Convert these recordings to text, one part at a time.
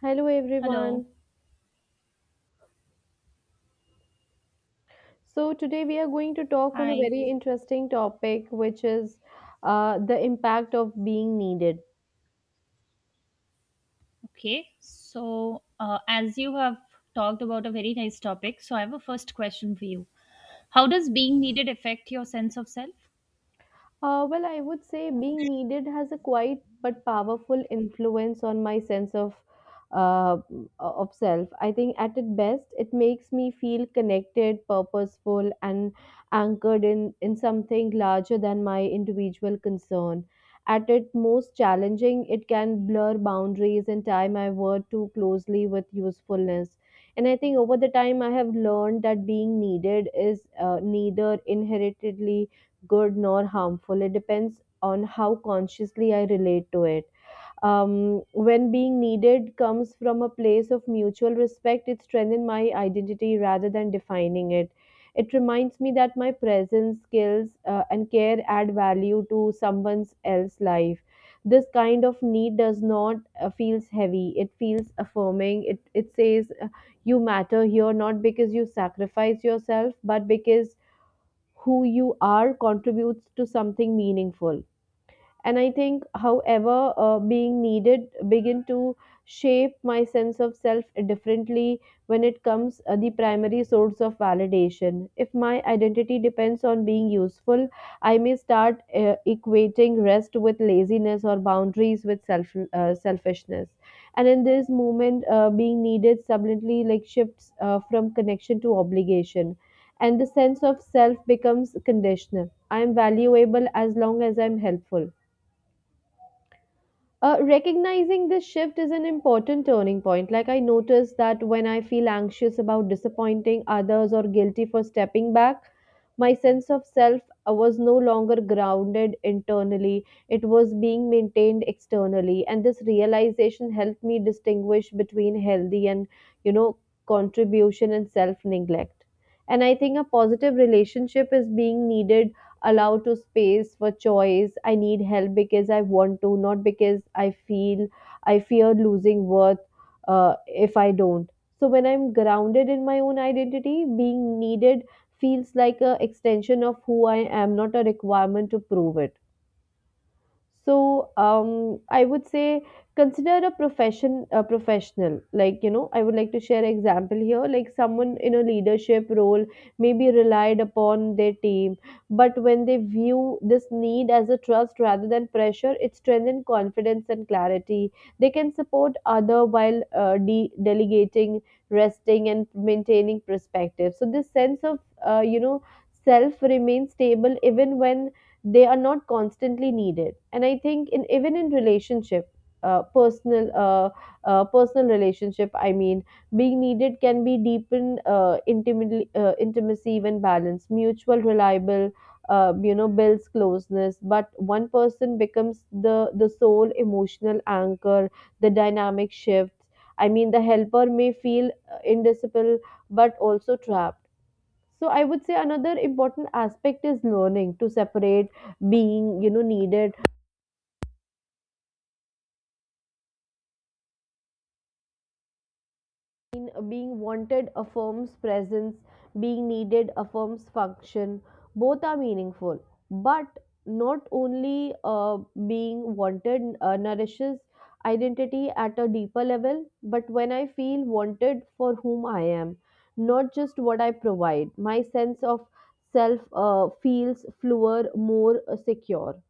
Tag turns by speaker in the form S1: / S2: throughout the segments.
S1: Hello
S2: Hello.
S1: everyone. So today we are going to talk on a
S2: Hi.
S1: very interesting topic which is the impact of being needed.
S2: Okay. As you have talked about a very nice topic, so I have a first question for you. How does being needed affect your sense of self?
S1: Well, I would say being needed has a quiet but powerful influence on my sense uh, of self. I think at its best, it makes me feel connected, purposeful, and anchored in something larger than my individual concern. At its most challenging, it can blur boundaries and tie my word too closely with usefulness. And I think over the time, I have learned that being needed is neither inheritedly good nor harmful. It depends on how consciously I relate to it. When being needed comes from a place of mutual respect, it strengthens my identity rather than defining it. It reminds me that my presence, skills, and care add value to someone else's life. This kind of need does not feels heavy. It feels affirming. It says you matter here not because you sacrifice yourself, but because who you are contributes to something meaningful. And I think, however, being needed begin to shape my sense of self differently when it comes the primary source of validation. If my identity depends on being useful, I may start equating rest with laziness or boundaries with self selfishness. And in this moment, being needed suddenly like shifts from connection to obligation, and the sense of self becomes conditional. I am valuable as long as I'm helpful. Recognizing this shift is an important turning point. Like, I notice that when I feel anxious about disappointing others or guilty for stepping back, my sense of self was no longer grounded internally, it was being maintained externally. And this realization helped me distinguish between healthy and, you know, contribution and self neglect. And I think a positive relationship is being needed allow to space for choice. I need help because I want to, not because I feel I fear losing worth if I don't. So when I'm grounded in my own identity, being needed feels like a extension of who I am, not a requirement to prove it. So, I would say consider a profession a professional. Like, I would like to share an example here. Like someone in a leadership role may be relied upon their team, but when they view this need as a trust rather than pressure, it strengthens confidence and clarity. They can support other while delegating, resting, and maintaining perspective. So this sense of uh, you know self remains stable even when they are not constantly needed. And I think in even in relationship, uh, personal uh, personal relationship, I mean, being needed can be deepened intimately intimacy when balanced mutual reliable builds closeness. But one person becomes the sole emotional anchor, the dynamic shifts. I mean, the helper may feel indisciple but also trapped. So I would say another important aspect is learning to separate being, needed being wanted affirms presence, being needed affirms function. Both are meaningful, but not only being wanted nourishes identity at a deeper level. But when I feel wanted for whom I am, not just what I provide, my sense of self feels fluer, more secure.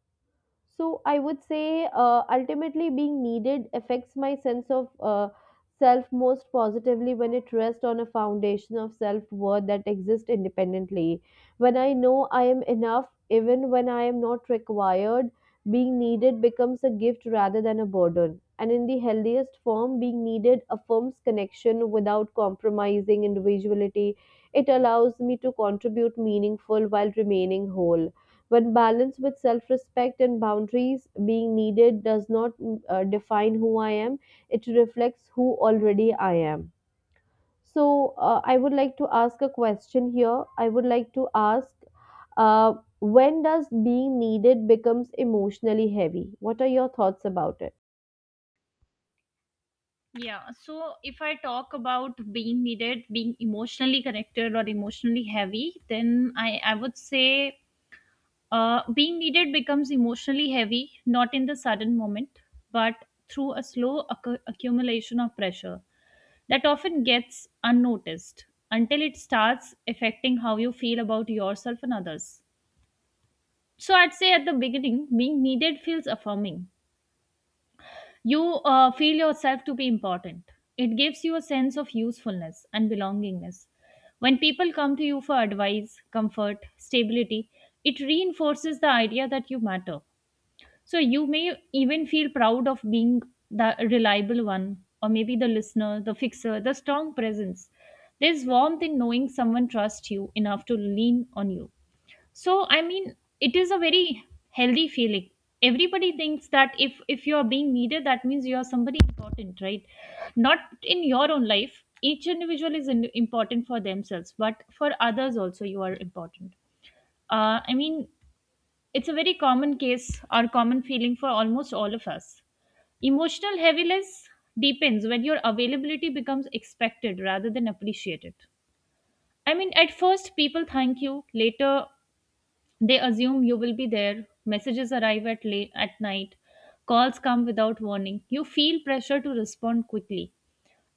S1: So I would say ultimately being needed affects my sense of self most positively when it rests on a foundation of self worth that exists independently. When I know I am enough, even when I am not required, being needed becomes a gift rather than a burden. And in the healthiest form, being needed affirms connection without compromising individuality. It allows me to contribute meaningful while remaining whole. When balanced with self respect and boundaries, being needed does not define who I am, it reflects who already I am. So, I would like to ask a question here. I would like to ask uh, when does being needed becomes emotionally heavy? What are your thoughts about it?
S2: Yeah. So, if I talk about being needed, being emotionally connected or emotionally heavy, then I would say being needed becomes emotionally heavy, not in the sudden moment, but through a slow accumulation of pressure that often gets unnoticed until it starts affecting how you feel about yourself and others. So, I'd say at the beginning, being needed feels affirming. You feel yourself to be important. It gives you a sense of usefulness and belongingness. When people come to you for advice, comfort, stability, it reinforces the idea that you matter. So you may even feel proud of being the reliable one, or maybe the listener, the fixer, the strong presence. There's warmth in knowing someone trusts you enough to lean on you. So I mean, it is a very healthy feeling. Everybody thinks that if you are being needed, that means you are somebody important, right? Not in your own life. Each individual is important for themselves, but for others also, you are important. I mean, it's a very common case or common feeling for almost all of us. Emotional heaviness deepens when your availability becomes expected rather than appreciated. I mean, at first, people thank you, later, they assume you will be there, messages arrive at, late, at night, calls come without warning. You feel pressure to respond quickly,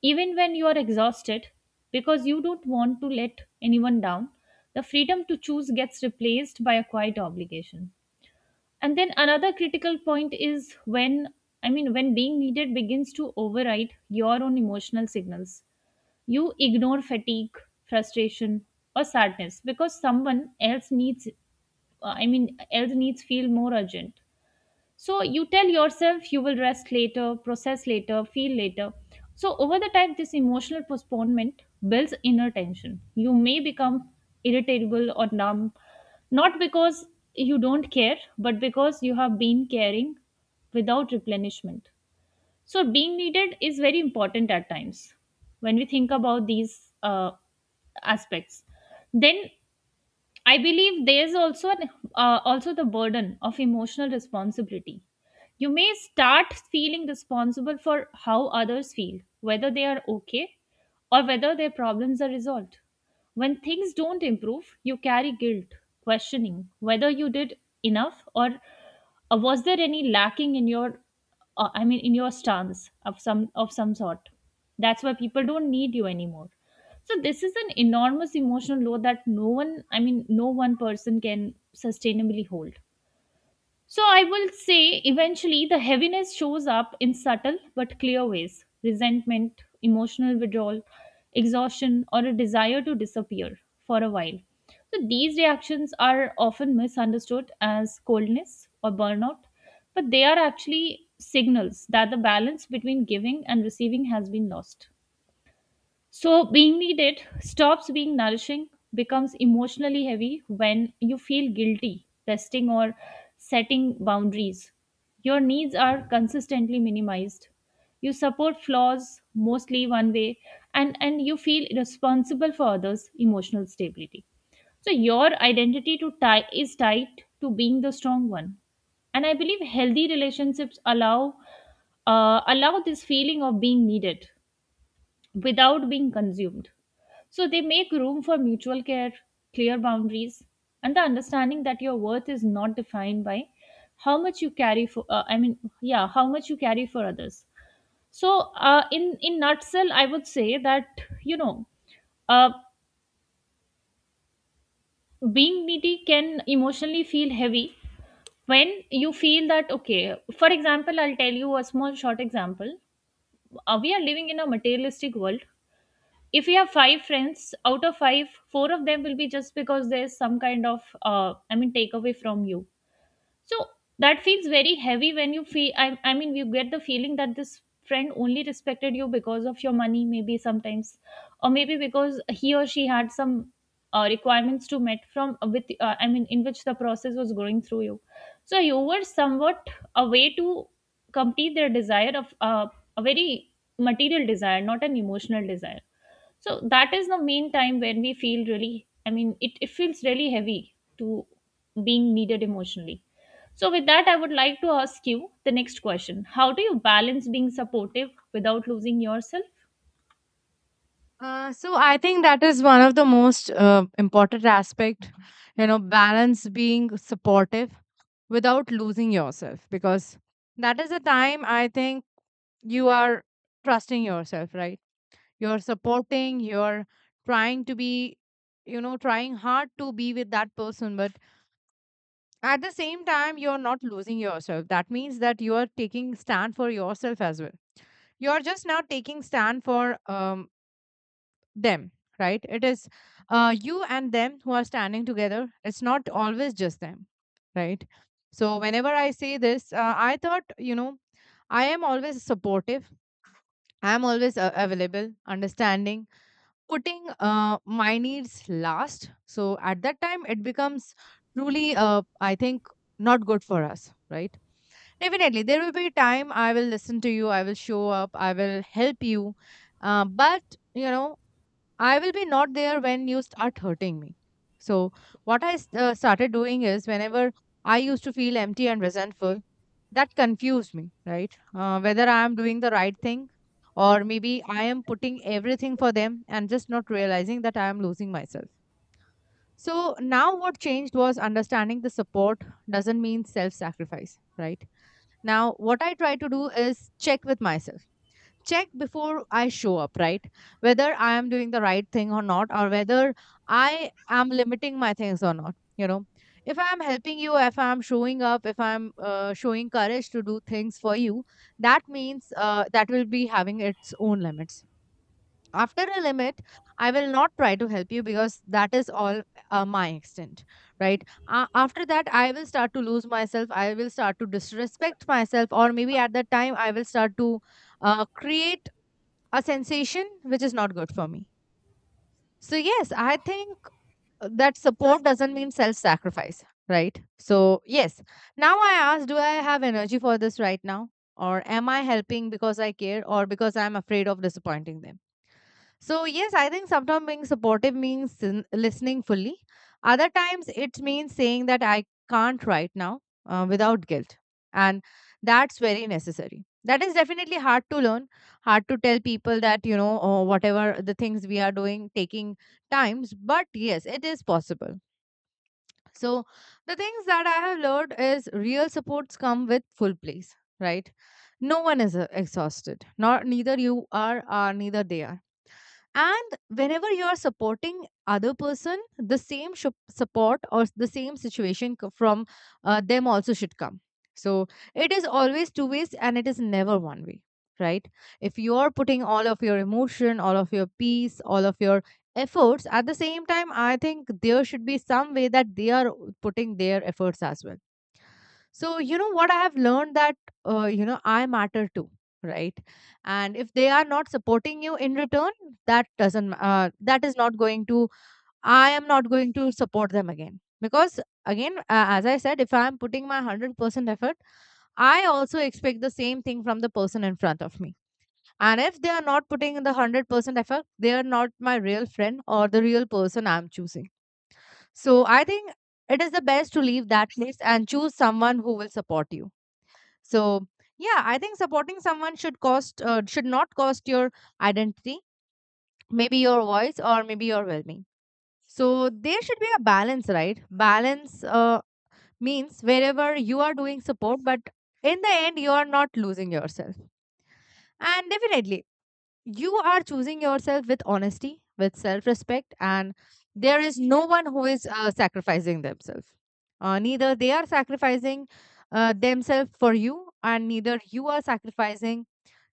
S2: even when you are exhausted, because you don't want to let anyone down. The freedom to choose gets replaced by a quiet obligation. And then another critical point is when, I mean, when being needed begins to override your own emotional signals. You ignore fatigue, frustration, or sadness because someone else needs, I mean, else needs feel more urgent. So you tell yourself you will rest later, process later, feel later. So over the time, this emotional postponement builds inner tension. You may become irritable or numb, not because you don't care, but because you have been caring without replenishment. So being needed is very important at times when we think about these aspects. Then I believe there's also also the burden of emotional responsibility. You may start feeling responsible for how others feel, whether they are okay or whether their problems are resolved. When things don't improve, you carry guilt, questioning whether you did enough or was there any lacking in your I mean in your stance of some sort. That's why people don't need you anymore. So this is an enormous emotional load that no one I mean no one person can sustainably hold. So I will say eventually the heaviness shows up in subtle but clear ways: resentment, emotional withdrawal, exhaustion, or a desire to disappear for a while. So these reactions are often misunderstood as coldness or burnout, but they are actually signals that the balance between giving and receiving has been lost. So, being needed stops being nourishing, becomes emotionally heavy when you feel guilty testing or setting boundaries. Your needs are consistently minimized. You support flaws mostly one way, and you feel responsible for others' emotional stability. So, your is tied to being the strong one. And I believe healthy relationships allow this feeling of being needed without being consumed. So they make room for mutual care, clear boundaries, and the understanding that your worth is not defined by how much you carry for. I mean, yeah, how much you carry for others. So in nutshell, I would say that you know, uh, being needy can emotionally feel heavy when you feel that okay. For example, I'll tell you a small short example. We are living in a materialistic world. If we have five friends out of five, four of them will be just because there's some kind of I mean takeaway from you. So that feels very heavy when you feel I mean you get the feeling that this friend only respected you because of your money maybe sometimes, or maybe because he or she had some requirements to met from with I mean in which the process was going through you. So you were somewhat a way to complete their desire of a very material desire, not an emotional desire. So that is the main time when we feel really I mean it feels really heavy to being needed emotionally. So with that, I would like to ask you the next question: how do you balance being supportive without losing yourself?
S3: So I think that is one of the most important aspect. You know, balance being supportive without losing yourself, because that is the time I think you are trusting yourself, right? You're supporting, you're trying to be, you know, trying hard to be with that person, but at the same time, you're not losing yourself. That means that you are taking stand for yourself as well. You're just now taking stand for them, right? It is you and them who are standing together. It's not always just them, right? So whenever I say this, I thought, you know, I am always supportive. I am always available, understanding, putting my needs last. So at that time, it becomes truly I think not good for us, right? Definitely, there will be a time I will listen to you, I will show up, I will help you. But, you know, I will be not there when you start hurting me. So, what I started doing is whenever I used to feel empty and resentful, that confused me, right? Whether I am doing the right thing or maybe I am putting everything for them and just not realizing that I am losing myself. So, now what changed was understanding the support doesn't mean self sacrifice, right? Now, what I try to do is check with myself, check before I show up, right? Whether I am doing the right thing or not, or whether I am limiting my things or not. You know, if I am helping you, if I am showing up, if I am showing courage to do things for you, that means that will be having its own limits. After a limit, I will not try to help you because that is all my extent, right? After that, I will start to lose myself. I will start to disrespect myself, or maybe at that time, I will start to create a sensation which is not good for me. So, yes, I think that support doesn't mean self sacrifice, right? So, yes, now I ask, do I have energy for this right now? Or am I helping because I care or because I'm afraid of disappointing them? So, yes, I think sometimes being supportive means listening fully. Other times, it means saying that I can't right now, without guilt. And that's very necessary. That is definitely hard to learn, hard to tell people that, you know, whatever the things we are doing, taking times. But yes, it is possible. So, the things that I have learned is real supports come with full place, right? No one is exhausted, not neither you are, or neither they are. And whenever you are supporting other person, the same support or the same from them also should come. So it is always two ways and it is never one way, right? If you are putting all of your emotion, all of your peace, all of your efforts, at the same time I think there should be some way that they are putting their efforts as well. So, you know, what I have learned that you know, I matter too, right? And if they are not supporting you in return, that doesn't ma- that is not going to, I am not going to support them again, because again, as I said, if I am putting my 100% effort, I also expect the same thing from the person in front of me. And if they are not putting in the 100% effort, they are not my real friend or the real person I am choosing. So I think it is the best to leave that place and choose someone who will support you. So yeah, I think supporting someone should cost should not cost your identity, maybe your voice or maybe your well-being. So there should be a balance, right? Balance means wherever you are doing support, but in the end, you are not losing yourself. And definitely, you are choosing yourself with honesty, with self-respect, and there is no one who is sacrificing themselves. Neither they are sacrificing themselves for you, and neither you are sacrificing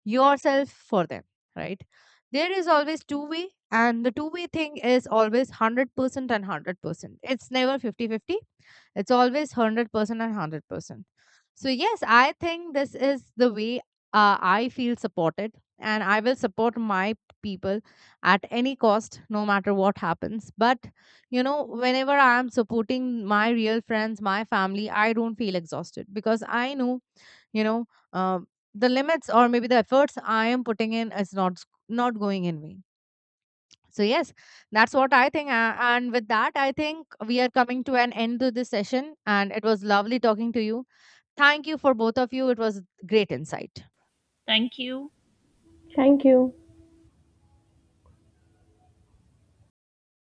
S3: yourself for them, right? There is always two way, and the two-way thing is always 100% and 100%. It's never 50 50. It's always 100% and 100%. So, yes, I think this is the way I feel supported, and I will support my people at any cost, no matter what happens. But, you know, whenever I am supporting my real friends, my family, I don't feel exhausted because I know, you know, uh, the limits or maybe the efforts I am putting in is not going in vain. So yes, that's what I think. And with that, I think we are coming to an end to this session. And it was lovely talking to you. Thank you for both of you. It was great insight.
S2: Thank you.
S1: Thank you.